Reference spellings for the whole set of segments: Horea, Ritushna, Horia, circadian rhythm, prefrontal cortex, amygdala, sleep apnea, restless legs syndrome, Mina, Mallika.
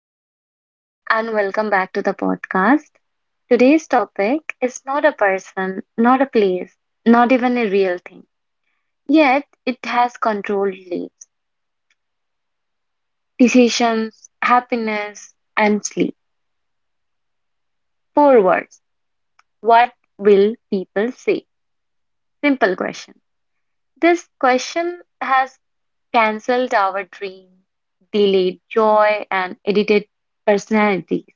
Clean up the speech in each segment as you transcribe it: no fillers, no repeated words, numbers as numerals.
Hello, everyone, and welcome back to the podcast. Today's topic is not a person, not a place, not even a real thing. Yet, it has controlled lives, decisions, happiness, and sleep. Four words. What will people say? Simple question. This question has cancelled our dreams, delayed joy, and edited personalities.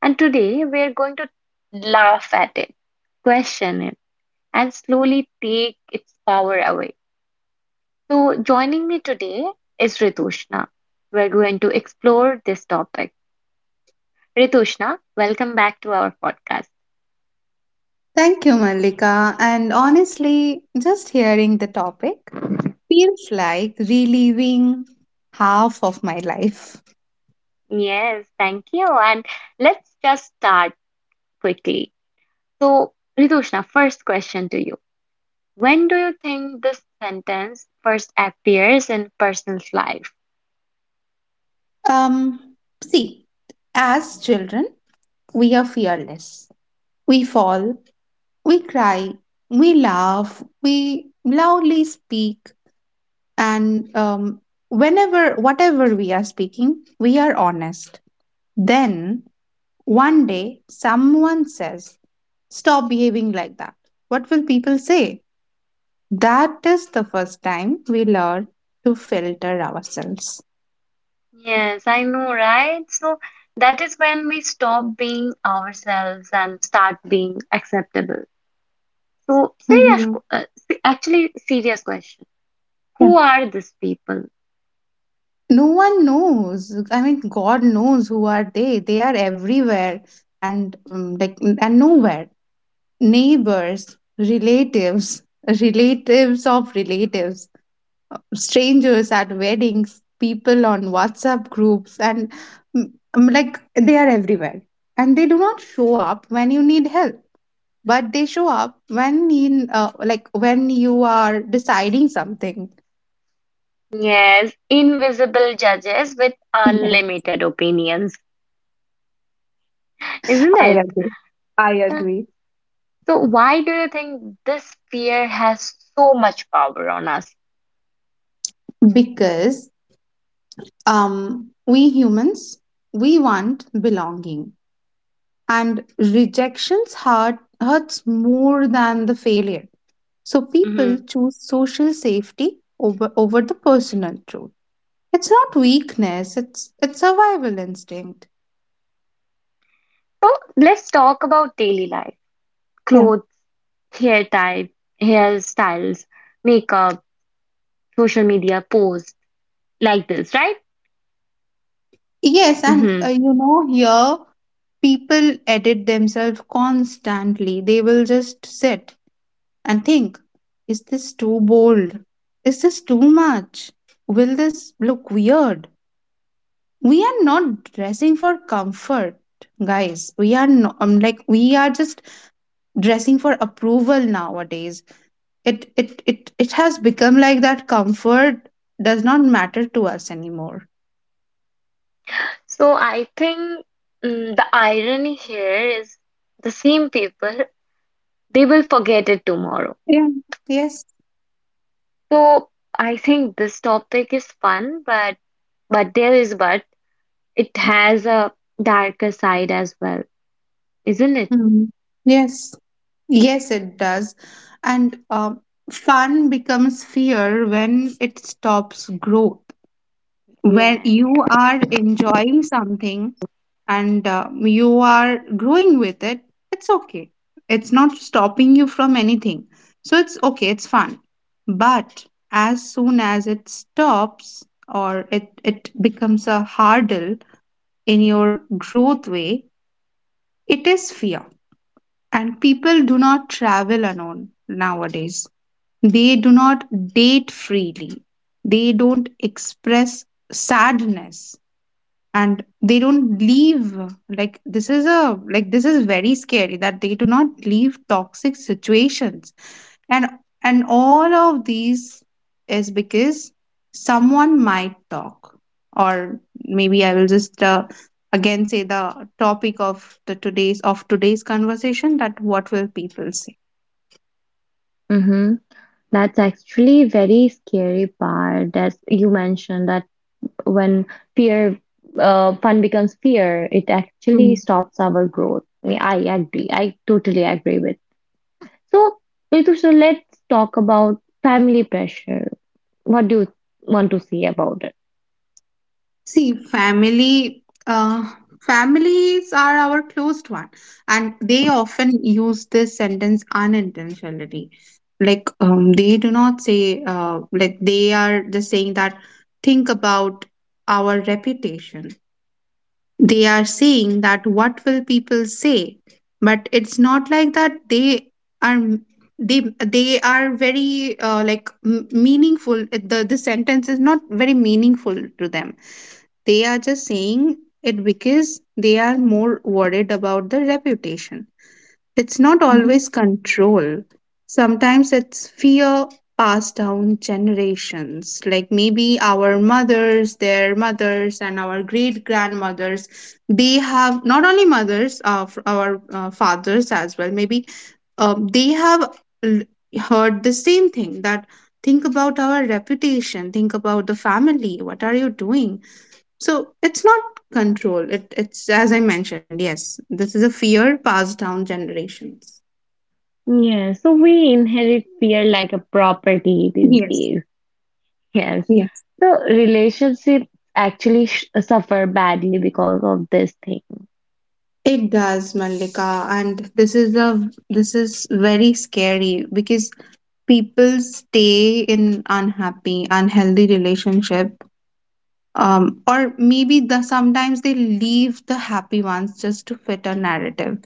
And today, we're going to laugh at it, question it and slowly take its power away. So, joining me today is Ritushna. We're going to explore this topic. Ritushna, welcome back to our podcast. Thank you, Mallika. And honestly, just hearing the topic feels like reliving half of my life. Yes, thank you. And let's just start quickly. So, Ritushna, first question to you. When do you think this sentence first appears in person's life? Um, See, as children, we are fearless. We fall, we cry, we laugh, we loudly speak, and whatever we are speaking, we are honest. Then one day, someone says, stop behaving like that. What will people say? That is the first time we learn to filter ourselves. Yes, I know, right? So, that is when we stop being ourselves and start being acceptable. So, serious, Hmm. qu- uh, se- actually, serious question. Yeah. Who are these people? No one knows. I mean, God knows who are they. They are everywhere and nowhere. Neighbors, relatives, relatives of relatives, strangers at weddings, people on WhatsApp groups, and they are everywhere. And they do not show up when you need help, but they show up when in like when you are deciding something. Yes, invisible judges with Yes, unlimited opinions, isn't I it? agree. I Uh, agree. So, why do you think this fear has so much power on us? Because we humans, we want belonging, and rejections hurts more than the failure. So people hmm choose social safety over the personal truth. It's not weakness, it's survival instinct. So, let's talk about daily life, Yeah. clothes, hair type, hairstyles, makeup, social media posts, like this, Yes, and right? Here people edit themselves constantly. They will just sit and think, is this too bold? Is this too much? Will this look weird? We are not dressing for comfort, guys. We are no, like we are just dressing for approval nowadays. It has become like that. Comfort does not matter to us anymore. So I think the irony here is the same people, they will forget it tomorrow. Yeah. Yes. So I think this topic is fun, but there is but it has a darker side as well, isn't it? Mhm. Yes, yes, it does. And fun becomes fear when it stops growth. When Yeah. you are enjoying something and you are growing with it, it's okay. It's not stopping you from anything. So it's okay, it's fun. But as soon as it stops, or it becomes a hurdle in your growth way, it is fear. And people do not travel alone nowadays. They do not date freely. They don't express sadness, and they don't leave. This is very scary that they do not leave toxic situations, and and all of these is because someone might talk, or maybe I will just again say the topic of the today's of today's conversation, that what will people say. Mm-hmm. That's actually very scary part that you mentioned that when fear, fun becomes fear, it actually stops our growth. I agree. I totally agree with. So, Ritu, so let's talk about family pressure. What do you want to say about it? See, families are our closed one, and they often use this sentence unintentionally. They do not say, they are just saying that, think about our reputation. They are saying that what will people say, but it's not like that. Are they they are very meaningful. The sentence is not very meaningful to them. They are just saying it because they are more worried about the reputation. It's not Mhm. always control. Sometimes it's fear passed down generations. Like maybe our mothers, their mothers, and our great grandmothers, they have not only mothers, our fathers as well. Maybe they have l- heard the same thing, that think about our reputation, think about the family, what are you doing? So it's not control. It's as I mentioned, yes, this is a fear passed down generations. Yeah, so we inherit fear like a property these Yes, days. Yes. yes, So relationships actually sh suffer badly because of this thing. it does, Mallika, and this is very scary because people stay in unhappy, unhealthy relationship, or maybe the sometimes they leave the happy ones just to fit a narrative.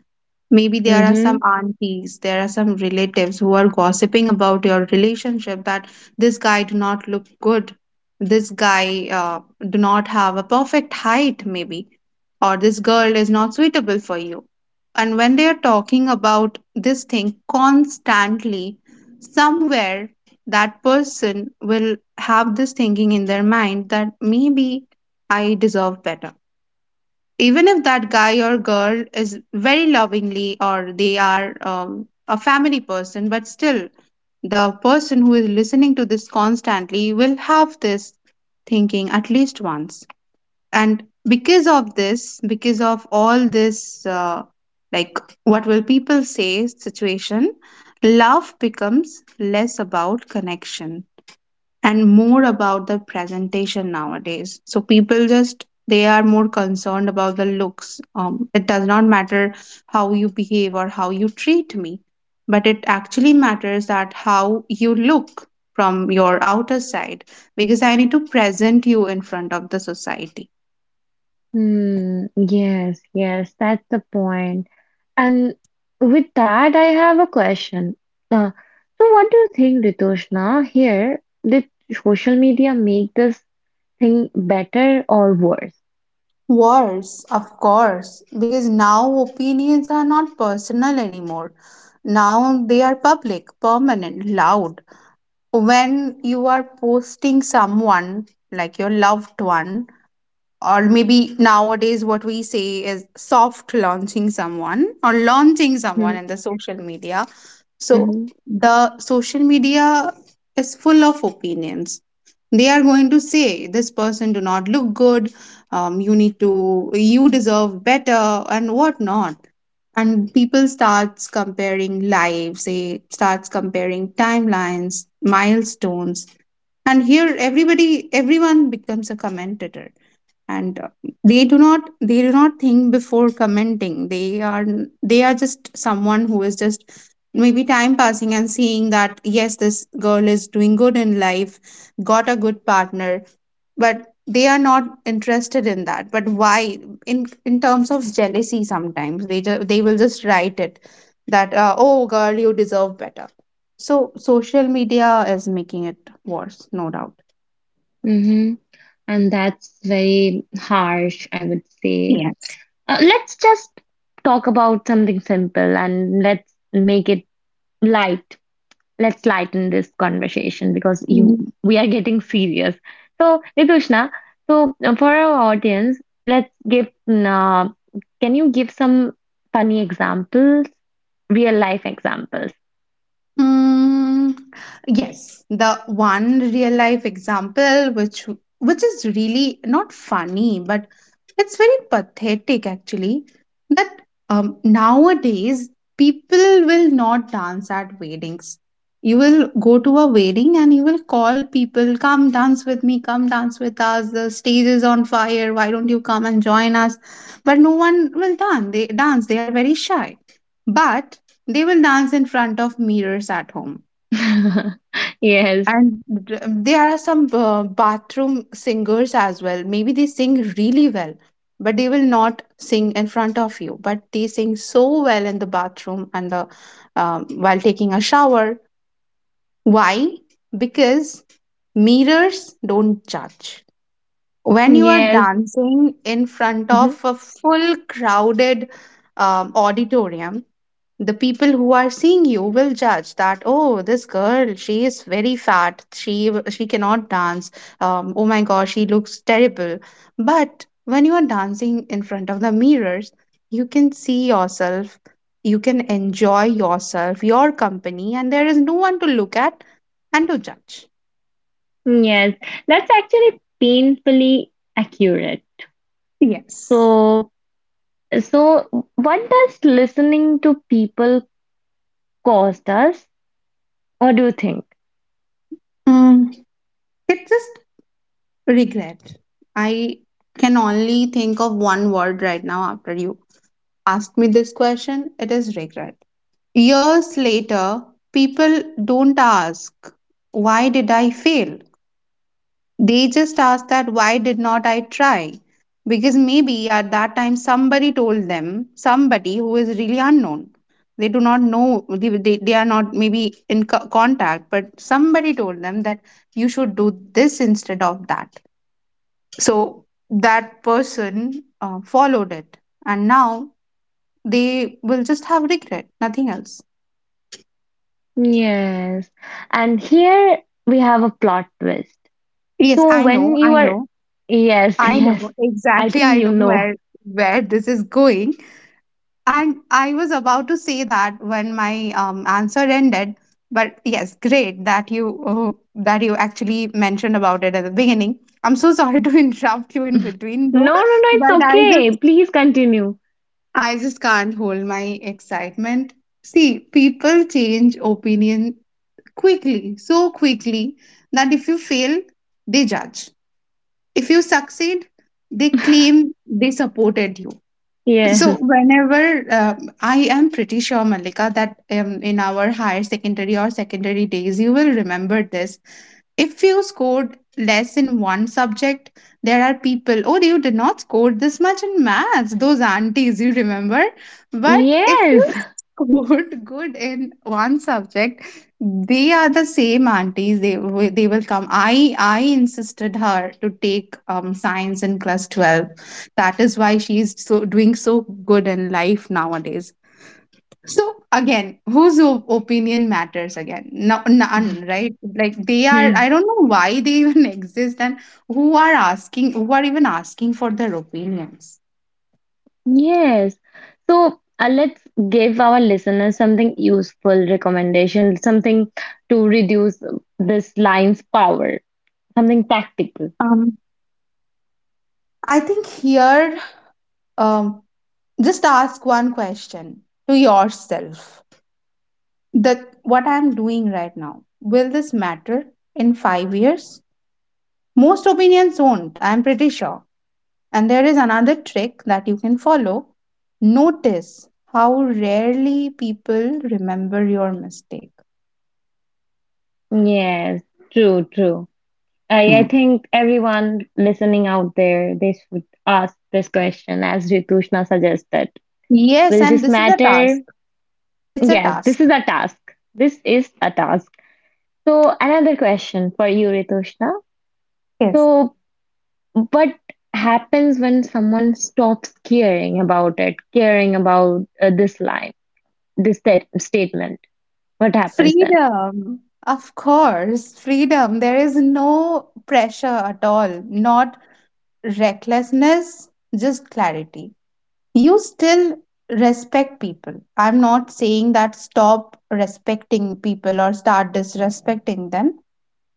Maybe there are some Mm-hmm. aunties, there are some relatives who are gossiping about your relationship, that this guy do not look good, this guy do not have a perfect height, maybe, or this girl is not suitable for you. And when they are talking about this thing constantly, somewhere that person will have this thinking in their mind that maybe I deserve better, even if that guy or girl is very lovingly or they are a family person, but still the person who is listening to this constantly will have this thinking at least once. And because of all this like what will people say situation, love becomes less about connection and more about the presentation nowadays. So people just, they are more concerned about the looks. It does not matter how you behave or how you treat me, but it actually matters that how you look from your outer side, because I need to present you in front of the society. Mm, yes, yes, that's the point. And with that, I have a question. Uh, so what do you think, Ritushna? Here, did social media make this thing better or worse? Worse, of course, because now opinions are not personal anymore. Now they are public, permanent, loud. When you are posting someone, like your loved one, or maybe nowadays what we say is soft launching someone or launching someone Mhm, in the social media, so mhm, the social media is full of opinions. They are going to say this person do not look good, you need to you deserve better, and whatnot. And people starts comparing lives, they starts comparing timelines, milestones. And here everybody everyone becomes a commentator. And they do not think before commenting. They are just someone who is just maybe time passing, and seeing that, yes, this girl is doing good in life, got a good partner, but they are not interested in that. But why? In terms of jealousy, sometimes they will just write it, that oh girl, you deserve better. So social media is making it worse, no doubt. mhm. And that's very harsh, I would say. Yes. Let's just talk about something simple and let's make it light. Let's lighten this conversation because you Mhm. we are getting serious. So, Nitushna, for our audience, let's give can you give some funny examples, real life examples? Mm, yes, the one real life example which is really not funny, but it's very pathetic actually, that nowadays people will not dance at weddings. You will go to a wedding and you will call people, come dance with me, come dance with us. The stage is on fire. Why don't you come and join us? But no one will dance. They dance. They are very shy. But they will dance in front of mirrors at home. Yes. And there are some bathroom singers as well. Maybe they sing really well, but they will not sing in front of you. But they sing so well in the bathroom and the while taking a shower. Why? Because mirrors don't judge. When you are Yes. dancing in front Mm-hmm. of a full crowded auditorium, the people who are seeing you will judge, that oh, this girl, she is very fat, she cannot dance, oh my gosh, she looks terrible. But when you are dancing in front of the mirrors, you can see yourself, you can enjoy yourself, your company, and there is no one to look at and to judge. Yes, that's actually painfully accurate. Yes. So, so what does listening to people cost us, or do you think? Mm, it's just regret. I can only think of one word right now after you asked me this question. It is regret. Years later, people don't ask, why did I fail? They just ask that, why did not I try? Because maybe at that time somebody told them, somebody who is really unknown. They do not know, they are not maybe in contact, but somebody told them that you should do this instead of that. So that person followed it. And now they will just have regret, nothing else. Yes, and here we have a plot twist. Yes, So I when know, you I are, know. yes, I know yes, I exactly. think I you know know. where this is going, and I was about to say that when my answer ended. But yes, great that you actually mentioned about it at the beginning. I'm so sorry to interrupt you in between, though, No, no, no, it's but okay. Please continue. I just can't hold my excitement. See, people change opinion quickly, so quickly that if you fail, they judge. If you succeed, they claim they supported you. So Yes, whenever I am pretty sure, Malika, that in our higher secondary or secondary days, you will remember this. If you scored less in one subject, there are people, oh, you did not score this much in maths, those aunties, you remember? But if yes. you scored good in one subject, they are the same aunties. They will come. I insisted her to take science in class 12. That is why she is doing so good in life nowadays. So again, whose opinion matters again? No, none, right? Like they are. I don't know why they even exist, and who are even asking for their opinions. Yes. So, let's give our listeners something useful recommendation, something to reduce this line's power, something practical. Um, I think here, um, just ask one question to yourself: that what I'm doing right now, will this matter in 5 years? Most opinions won't, I'm pretty sure. And there is another trick that you can follow. Notice how rarely people remember your mistake. Yes, true, true. I Hmm. think everyone listening out there, they should ask this question as Ritushna suggested. Yes, Will and this this is a task. matter? It's a Yes, this task. is a task. This is a task. So another question for you, Ritushna. Yes. So what happens when someone stops caring about it, caring about this line, this statement? What happens then? Freedom. Of course, freedom. There is no pressure at all, not recklessness, just clarity. You still respect people. I'm not saying that stop respecting people or start disrespecting them,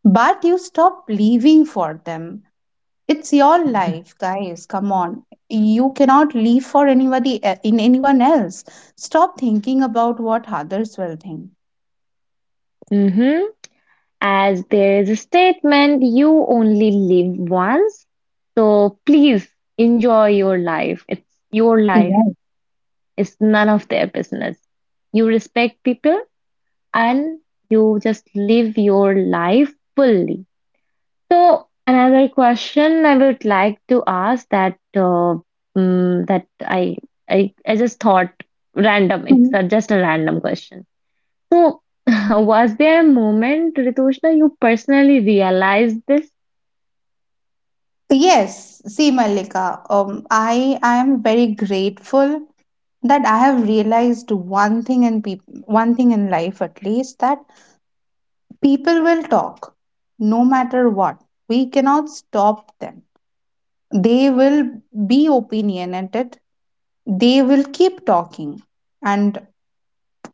but you stop living for them. It's your life, guys. Come on. You cannot live for anybody e- in anyone else. Stop thinking about what others will think. Mm-hmm. As there is a statement, you only live once. So please enjoy your life. It's your life. Yes. It's none of their business. You respect people and you just live your life fully. So another question I would like to ask that mm, that I, I just thought random. It's Mhm. Just a random question. So was there a moment, Ritushna, you personally realized this? Yes, see Malika, I am very grateful that I have realized one thing in life at least that people will talk no matter what. We cannot stop them. They will be opinionated, they will keep talking. And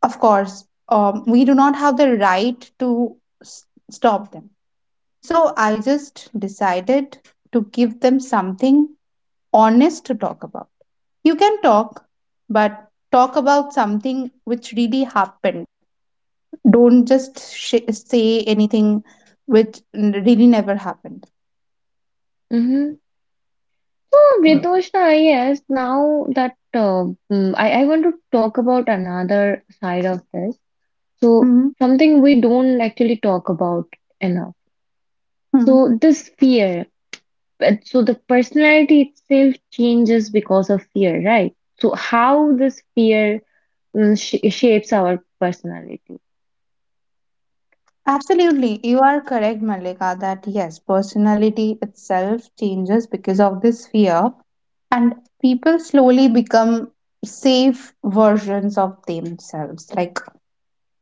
of course, we do not have the right to stop them. So I just decided to give them something honest to talk about. You can talk, but talk about something which really happened. Don't just say anything which really never happened. Mm-hmm. So, Ritushna, yes, now that I want to talk about another side of this. So hmm something we don't actually talk about enough. hmm So this fear, so the personality itself changes because of fear, right? So how this fear mm, sh shapes our personality. Absolutely. You are correct, Malika, that yes, personality itself changes because of this fear. And people slowly become safe versions of themselves, like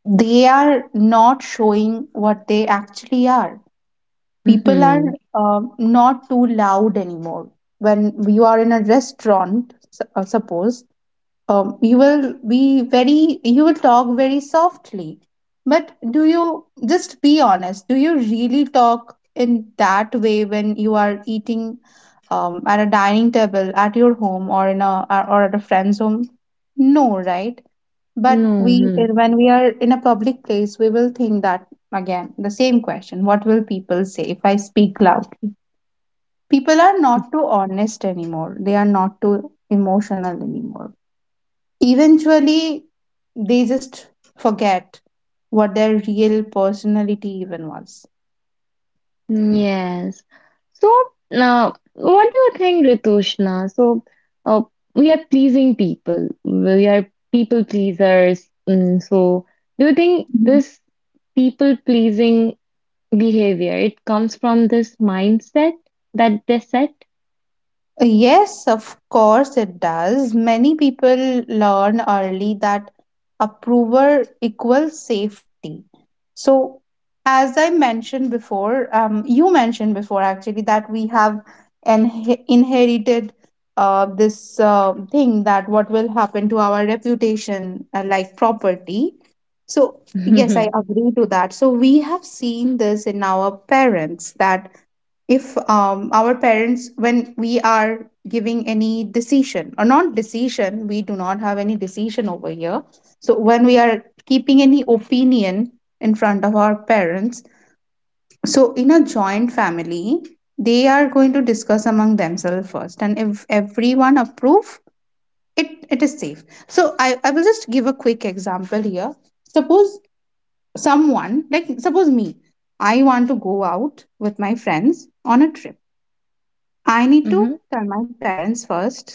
they are not showing what they actually are. People are Mm-hmm. Not too loud anymore. When you are in a restaurant, suppose you will be very, you will talk very softly. But do you, just be honest, do you really talk in that way when you are eating at a dining table at your home, or in a, or at a friend's home? No, right? But No. when we are in a public place, we will think that again the same question, what will people say if I speak loudly? People are not too honest anymore, they are not too emotional anymore. Eventually they just forget what their real personality even was. Yes. So now, what do you think, Ritushna? So, uh, we are pleasing people. We are people pleasers. So, do you think this people pleasing behavior. It comes from this mindset that they set. Yes, of course it does. Many people learn early that approval equals safety. So, as I mentioned before, you mentioned before actually, that we have inherited this thing, that what will happen to our reputation, like property. So, yes, I hmm agree to that. So, we have seen this in our parents, that if our parents, when we are giving any decision, or not decision, we do not have any decision over here, so when we are keeping any opinion in front of our parents, so in a joint family, they are going to discuss among themselves first, and if everyone approve, it is safe. So I will just give a quick example here. Suppose someone, like suppose me, I want to go out with my friends on a trip. I need hmm to tell my parents first.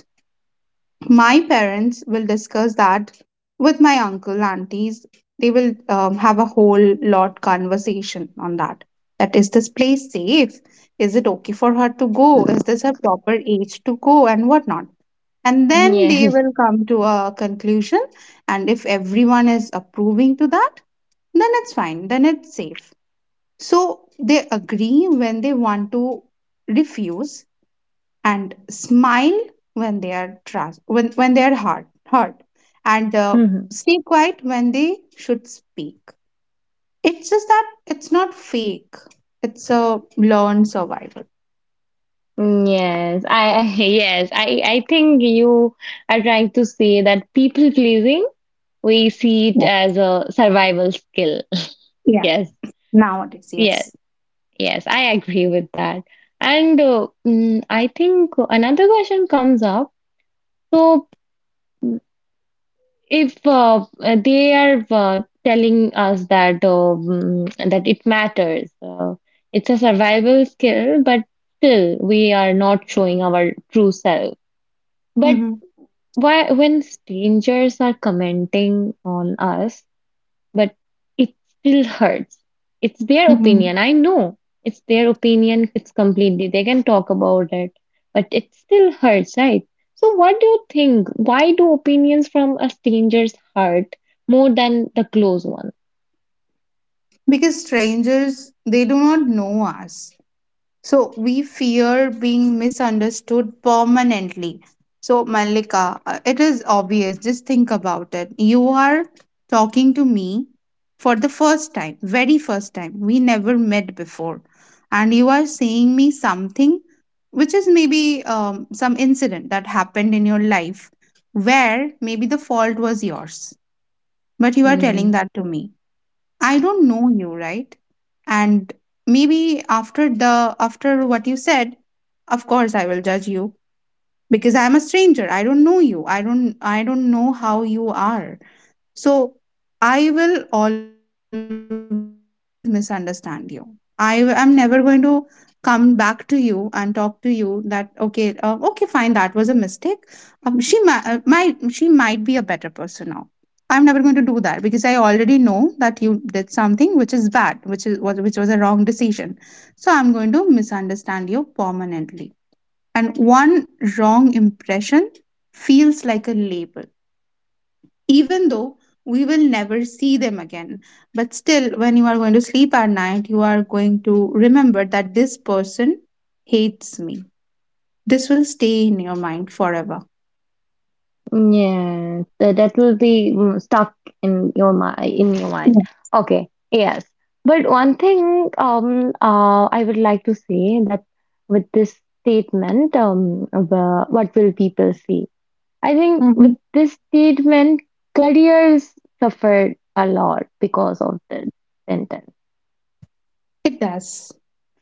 My parents will discuss that with my uncle, aunties. They will have a whole lot conversation on that. That is this place safe? Is it okay for her to go? Is this her proper age to go, and whatnot? And then they Yes. will come to a conclusion. And if everyone is approving to that, then it's fine. Then it's safe. So they agree when they want to refuse, and smile when they are trust, when they are hurt, and Mhm. stay quiet when they should speak. It's just that it's not fake, it's a learned survival. Yes. I think you are trying to say that people pleasing, we see it Yeah, as a survival skill. yeah. Yes, Nowadays, yes, yes. yes, I agree with that. And I think another question comes up. So, if they are telling us that that it matters it's a survival skill but still we are not showing our true self but hmm why when strangers are commenting on us but it still hurts. It's their hmm opinion. I know it's their opinion. It's completely, they can talk about it, but it still hurts, right? So, what do you think? Why do opinions from a stranger's hurt more than the close one? because strangers, they do not know us. So we fear being misunderstood permanently. So, Malika, it is obvious. Just think about it. You are talking to me for the first time, very first time. We never met before. And you are saying me something which is maybe some incident that happened in your life, where maybe the fault was yours. But you are Hmm. telling that to me. I don't know you, right? And maybe after the after what you said, of course I will judge you, because I'm a stranger. I don't know you. I don't know how you are. So I will always misunderstand you. I am never going to come back to you and talk to you that, okay, okay, fine, that was a mistake. She might, she might be a better person now. I'm never going to do that, because I already know that you did something which is bad, which is was which was a wrong decision. So I'm going to misunderstand you permanently. And one wrong impression feels like a label, even though we will never see them again. But still, when you are going to sleep at night, you are going to remember that this person hates me. This will stay in your mind forever. Yeah, that will be stuck in your mind, in your Yeah. mind. Okay, yes. But one thing I would like to say that with this statement the, what will people see? I think Mhm. with this statement careers suffered a lot because of this sentence. It does.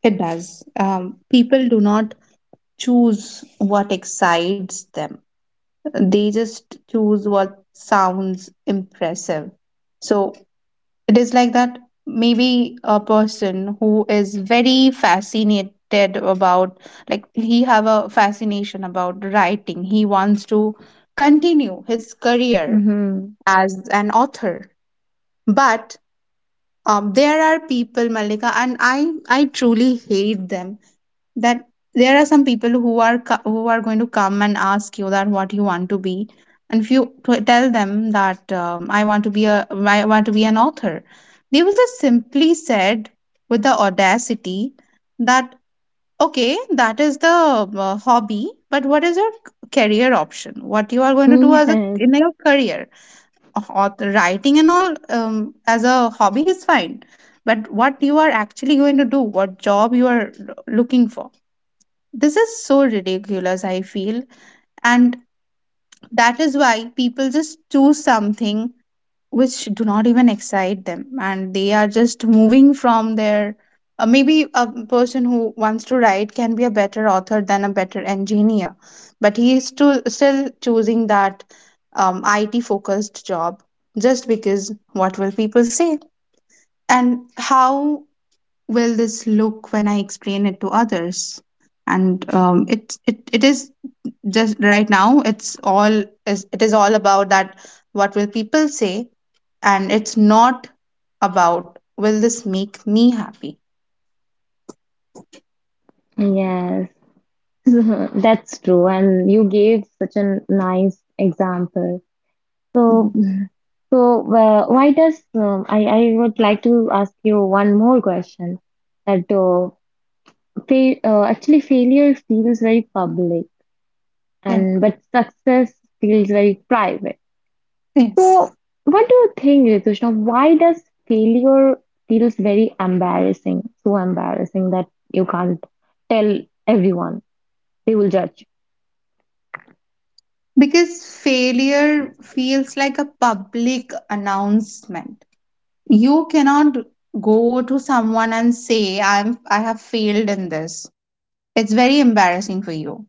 It does. People do not choose what excites them. They just choose what sounds impressive. So it is like that, maybe a person who is very fascinated about, like he have a fascination about writing. He wants to continue his career Mm-hmm. as an author. But there are people, Malika, and I truly hate them, that there are some people who are who are going to come and ask you that what you want to be. And if you tell them that, I want to be a, I want to be an author, they will just simply said with the audacity that, okay, that is the hobby, but what is your career option, what you are going to do as a, Yes, in your career. Author, writing and all, as a hobby is fine, but what you are actually going to do, what job you are looking for. This is so ridiculous, I feel. And that is why people just choose something which do not even excite them. And they are just moving from their. Maybe a person who wants to write can be a better author than a better engineer, but he is still, still choosing that IT focused job, just because what will people say? And how will this look when I explain it to others? And it is just, right now it's all is it is all about that, what will people say. And it's not about, will this make me happy. yes. That's true, and you gave such a nice example. So Mhm. so, why does I would like to ask you one more question that fa actually failure feels very public Yeah. and but success feels very private. Yes. So, what do you think, Ritushna? Why does failure feels very embarrassing, so embarrassing that you can't tell everyone? They will judge. Because failure feels like a public announcement. You cannot go to someone and say, I have failed in this. It's very embarrassing for you.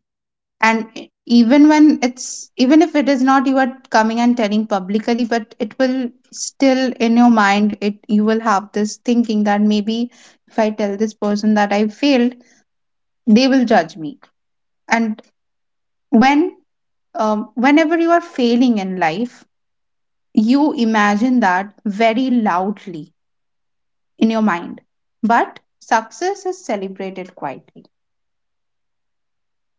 And even if it is not, you are coming and telling publicly, but it will still, in your mind, it you will have this thinking that maybe if I tell this person that I failed, they will judge me. And when, whenever you are failing in life, you imagine that very loudly in your mind. But success is celebrated quietly.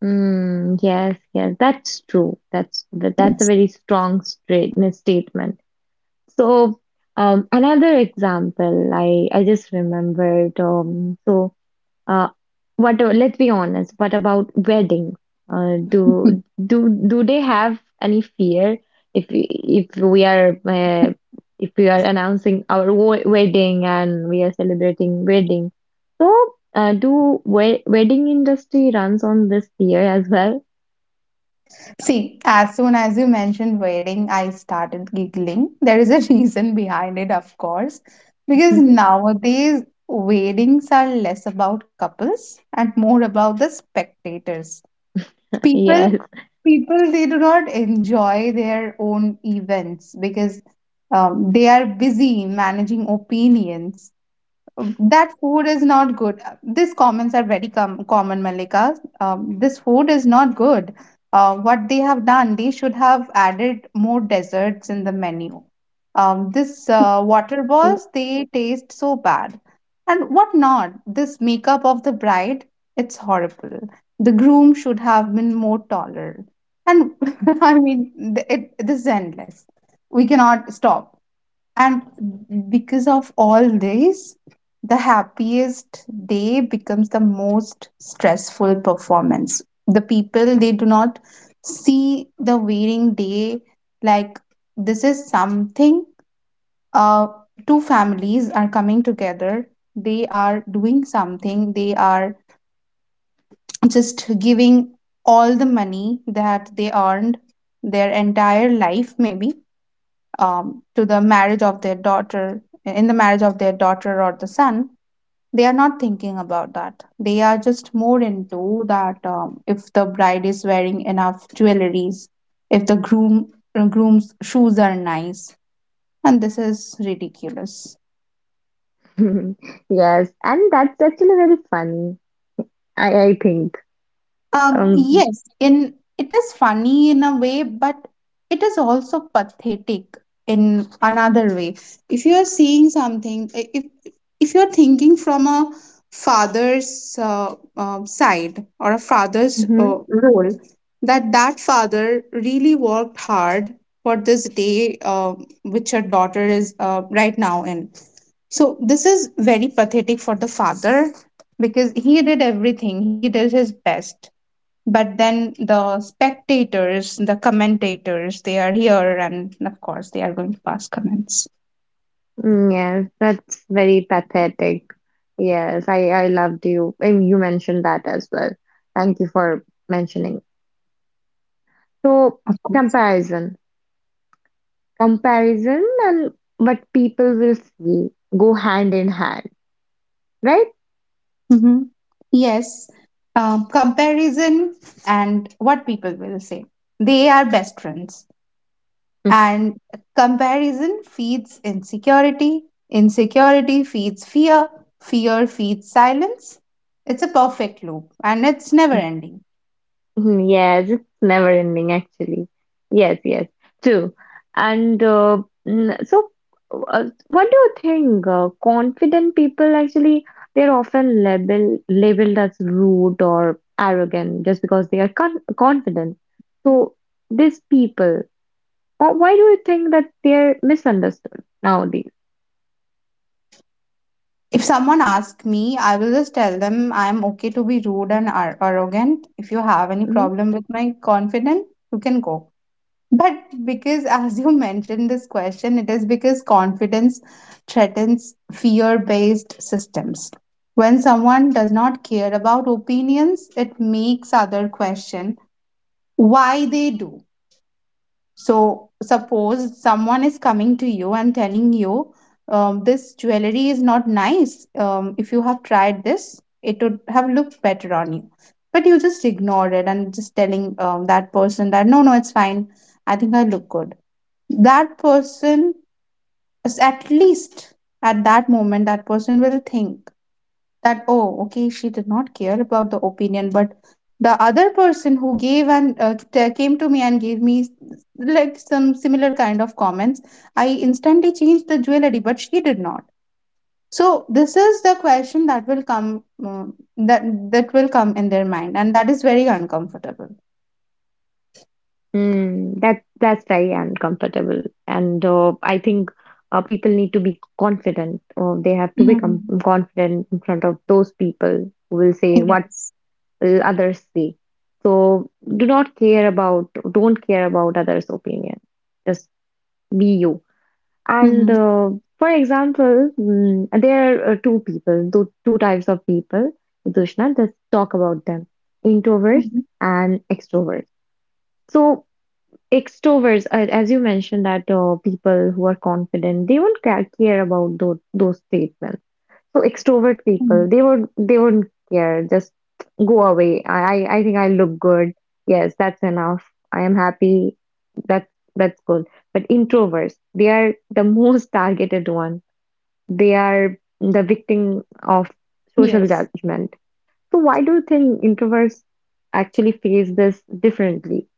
Mm, yes, yes, that's true. That's a Yes. very strong straight statement. So another example, I just remembered. Uh, what? Let's be honest. What about weddings? Do do do they have any fear if we- if we are uh, if we are announcing our wedding and we are celebrating wedding? So do we wedding industry runs on this fear as well? See, as soon as you mentioned wedding, I started giggling. There is a reason behind it, of course, because nowadays weddings are less about couples and more about the spectators. People, Yes. people, they do not enjoy their own events, because they are busy managing opinions, that food is not good. These comments are very common, Malika. This food is not good. What they have done, they should have added more desserts in the menu. This water balls, they taste so bad. And what not? This makeup of the bride, it's horrible. The groom should have been more taller. And I mean, it is endless. We cannot stop. And because of all this, the happiest day becomes the most stressful performance. The people, they do not see the wearing day like, this is something. Uh, two families are coming together, they are doing something, they are just giving all the money that they earned their entire life, maybe, to the marriage of their daughter, or the son. They are not thinking about that, they are just more into that, if the bride is wearing enough jewelries, if the groom's shoes are nice. And this is ridiculous. Yes, and that's actually very funny. I think. Um, Yes, in it is funny in a way, but it is also pathetic in another way. If you are seeing something, if you are thinking from a father's side, or a father's mhm. Role, that that father really worked hard for this day, which your daughter is right now in. So this is very pathetic for the father, because he did everything. He did his best, but then the spectators, the commentators, they are here, and of course they are going to pass comments. Mm, yeah, that's very pathetic. Yes, I loved you. And you mentioned that as well. Thank you for mentioning. So, Of course. comparison. Comparison and what people will see go hand in hand, right? hmm yes. Um, comparison and what people will say, they are best friends. And comparison feeds insecurity, insecurity feeds fear, fear feeds silence. It's a perfect loop, and it's never ending. Mhm, yes, it's never ending actually. Yes, yes, true. And mm, so, what do you think? Confident people actually they're often labeled as rude or arrogant just because they are confident. So these people, why do you think that they're misunderstood nowadays? If someone asks me, I will just tell them, I'm okay to be rude and arrogant. If you have any Mm-hmm. problem with my confidence, you can go. But because, as you mentioned this question, it is because confidence threatens fear based systems. When someone does not care about opinions, it makes other question why they do. So, suppose someone is coming to you and telling you, this jewelry is not nice. If you have tried this, it would have looked better on you. But you just ignored it and just telling that person that, no, no, it's fine. I think I look good. That person, is at least at that moment, that person will think that, oh okay, she did not care about the opinion, but the other person who gave and came to me and gave me like some similar kind of comments, I instantly changed the jewelry, but she did not. So this is the question that will come, um, that that will come in their mind, and that is very uncomfortable. Mm, that that's very uncomfortable, and I think people need to be confident. Or they have to become Mm. confident in front of those people who will say what Yes. will others say. So do not care about, don't care about others' opinion. Just be you. And Hmm. For example, there are two people, two types of people. Dushna, just talk about them: introverts Mhm. and extroverts. So extroverts, as you mentioned, that people who are confident, they won't care about those statements. So extrovert Mm. people, they wouldn't care. Just go away. I think I look good. Yes, that's enough. I am happy. That's good. But introverts, they are the most targeted one. They are the victim of social Yes. judgment. So why do you think introverts actually face this differently?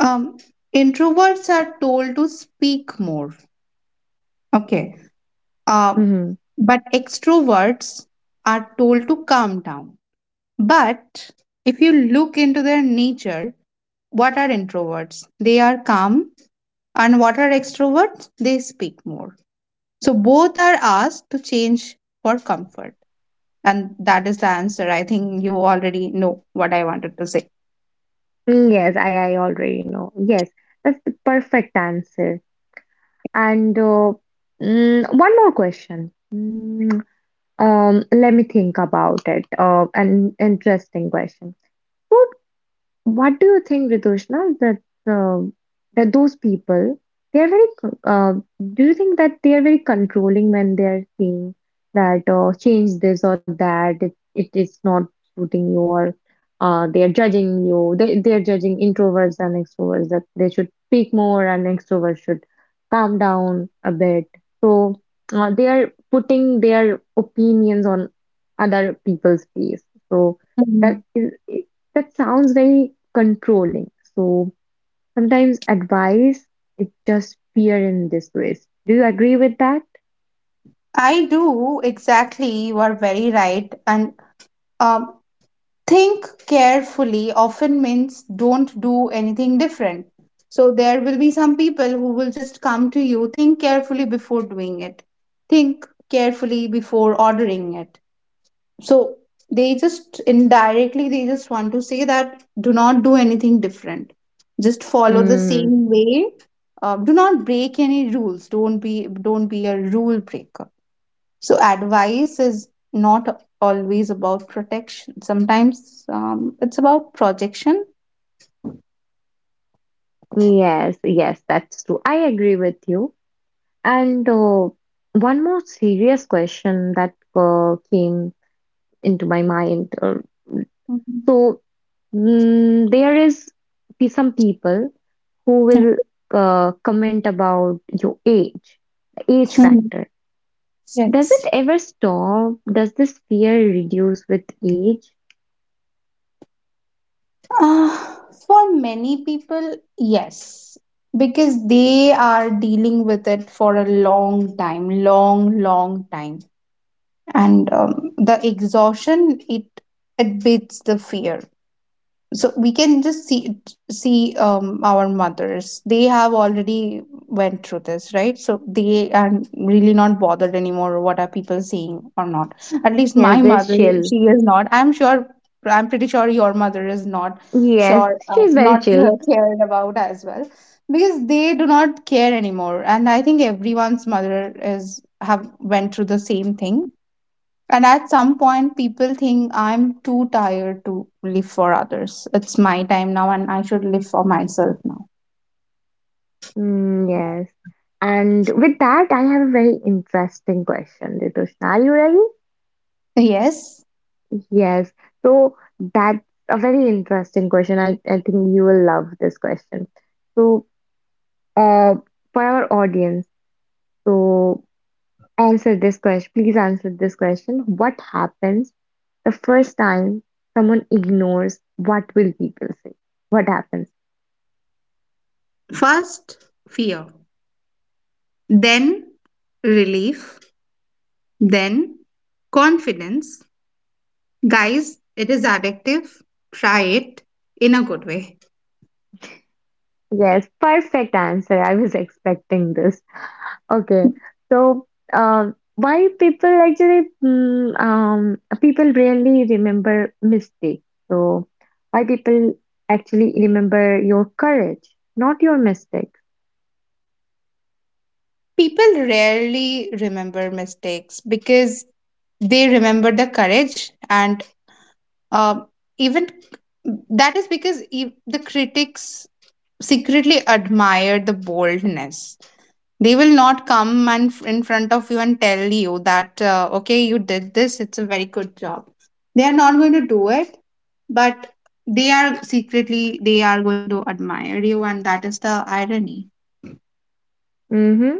um Introverts are told to speak more. Okay. Uh, Mm-hmm. but extroverts are told to calm down. But if you look into their nature, what are introverts? They are calm. And what are extroverts? They speak more. So both are asked to change for comfort. And that is the answer. I think you already know what I wanted to say. Yes, I already know. Yes, that's the perfect answer. And one more question. Let me think about it. An interesting question. So, what do you think, Ritushna, that uh, that those people they are do you think that they are very controlling when they are saying that change this or that it is not suiting you or they are judging you they are judging introverts and extroverts that they should speak more and extroverts should calm down a bit so they are putting their opinions on other people's face so that Mhm. is that sounds very controlling. So sometimes advice is just fear and disgrace. Do you agree with that? I do exactly. You are very right. And um, think carefully often means don't do anything different. So there will be some people who will just come to you, think carefully before doing it, think carefully before ordering it. So they just indirectly, they just want to say that do not do anything different. Just follow the Mm, same way. Do not break any rules. Don't be a rule breaker. So advice is not always about protection. Sometimes it's about projection. yes, yes, that's true. I agree with you. And one more serious question that came into my mind. Mhm. so there is some people who Yeah. will comment about your age, the age Hmm. factor. Does it Yes. ever stop? Does this fear reduce with age? Uh, for many people, yes, because they are dealing with it for a long time, long, long time, and the exhaustion, it beats the fear. So we can just see, our mothers, they have already went through this, right? So they are really not bothered anymore what are people saying or not. At least Yes, my this mother, chill. she is not, I'm sure. I'm pretty sure your mother is not Yes, sure she's very not chill. cared about as well, because they do not care anymore. And I think everyone's mother is have went through the same thing. And at some point, people think I'm too tired to live for others. It's my time now, and I should live for myself now. Mm, yes. And with that, I have a very interesting question, Ritushna. Are you ready? Yes. Yes. So that's a very interesting question. I think you will love this question. So, uh, for our audience, so answer this question. Please answer this question. What happens the first time someone ignores what will people say? What happens? First, fear, then relief, then confidence. Guys, it is addictive. Try it in a good way. Yes, perfect answer. I was expecting this. Okay, so why people actually mm, people really remember mistakes. So why people actually remember your courage, not your mistakes. People rarely remember mistakes because they remember the courage. And uh, even that is because the critics secretly admire the boldness. They will not come and in front of you and tell you that, okay, you did this, it's a very good job. They are not going to do it, but they are secretly, they are going to admire you, and that is the irony. Mm-hmm.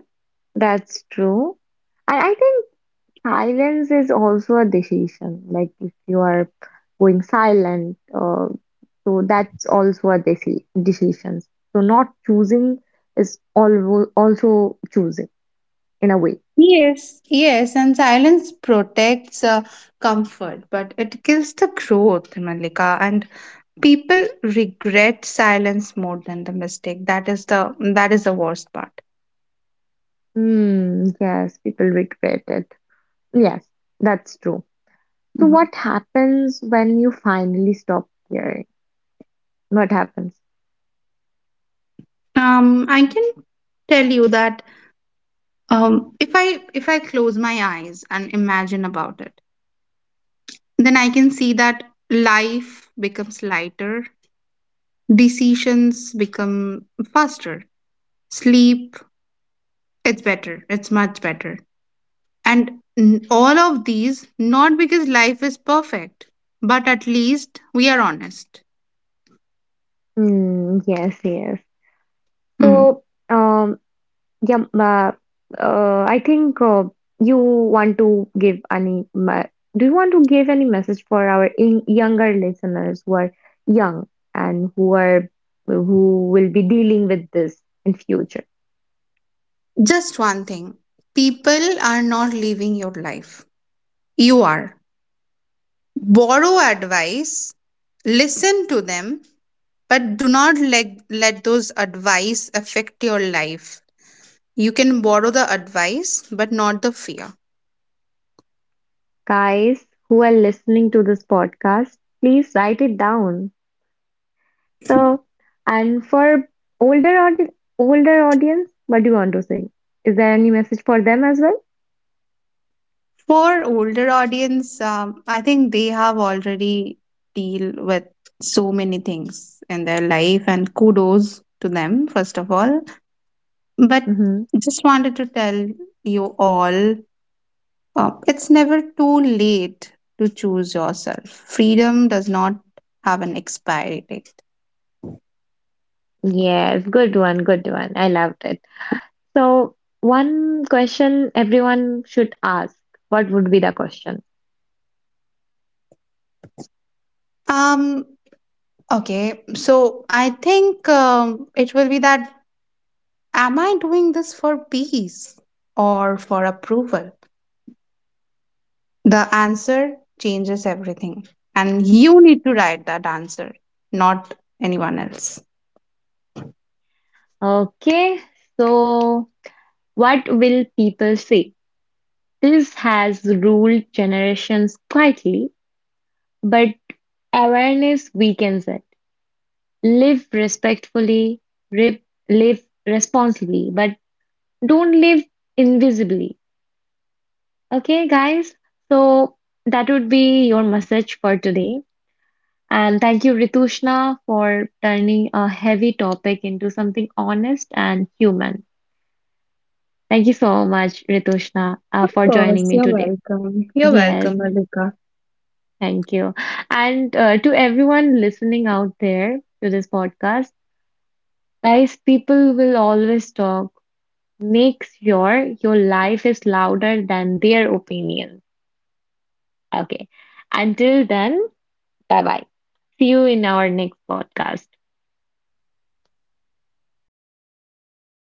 That's true. And I think silence is also a decision. Like if you are going silent, so that's also a decision. So not choosing is also choosing in a way. Yes, yes, and silence protects comfort, but it kills the growth, Malika. And people regret silence more than the mistake. That is the worst part. Hmm. Yes, people regret it. Yes, that's true. So what happens when you finally stop caring? What happens? I can tell you that, if I close my eyes and imagine about it, then I can see that life becomes lighter, decisions become faster, sleep, it's better, it's much better, and all of these not because life is perfect, but at least we are honest. Hmm. Yes. Yes. Mm. So um Yeah, ma I think you want to give do you want to give any message for our in younger listeners who are young and who are who will be dealing with this in future? Just one thing: people are not living your life; you are. Borrow advice, listen to them, but do not let those advice affect your life. You can borrow the advice, but not the fear. Guys who are listening to this podcast, please write it down. So, and for older audi older audience, what do you want to say? Is there any message for them as well? For older audience, I think they have already deal with so many things in their life, and kudos to them first of all. But Mm-hmm. just wanted to tell you all, it's never too late to choose yourself. Freedom does not have an expiry date. Yes, good one, good one. I loved it. So, one question everyone should ask. What would be the question? Um, okay, so I think it will be that am I doing this for peace or for approval? The answer changes everything, and you need to write that answer, not anyone else. Okay, so what will people say? This has ruled generations quietly, but awareness weakens it. Live respectfully, rip, live responsibly, but don't live invisibly. Okay, guys? So that would be your message for today. And thank you, Ritushna, for turning a heavy topic into something honest and human. Thank you so much, Ritushna, Of for joining course, me you're today. welcome. You're Yes, welcome, Malika. thank you. And to everyone listening out there to this podcast, guys, people will always talk. Make sure your life is louder than their opinion. Okay. Until then, bye bye. See you in our next podcast.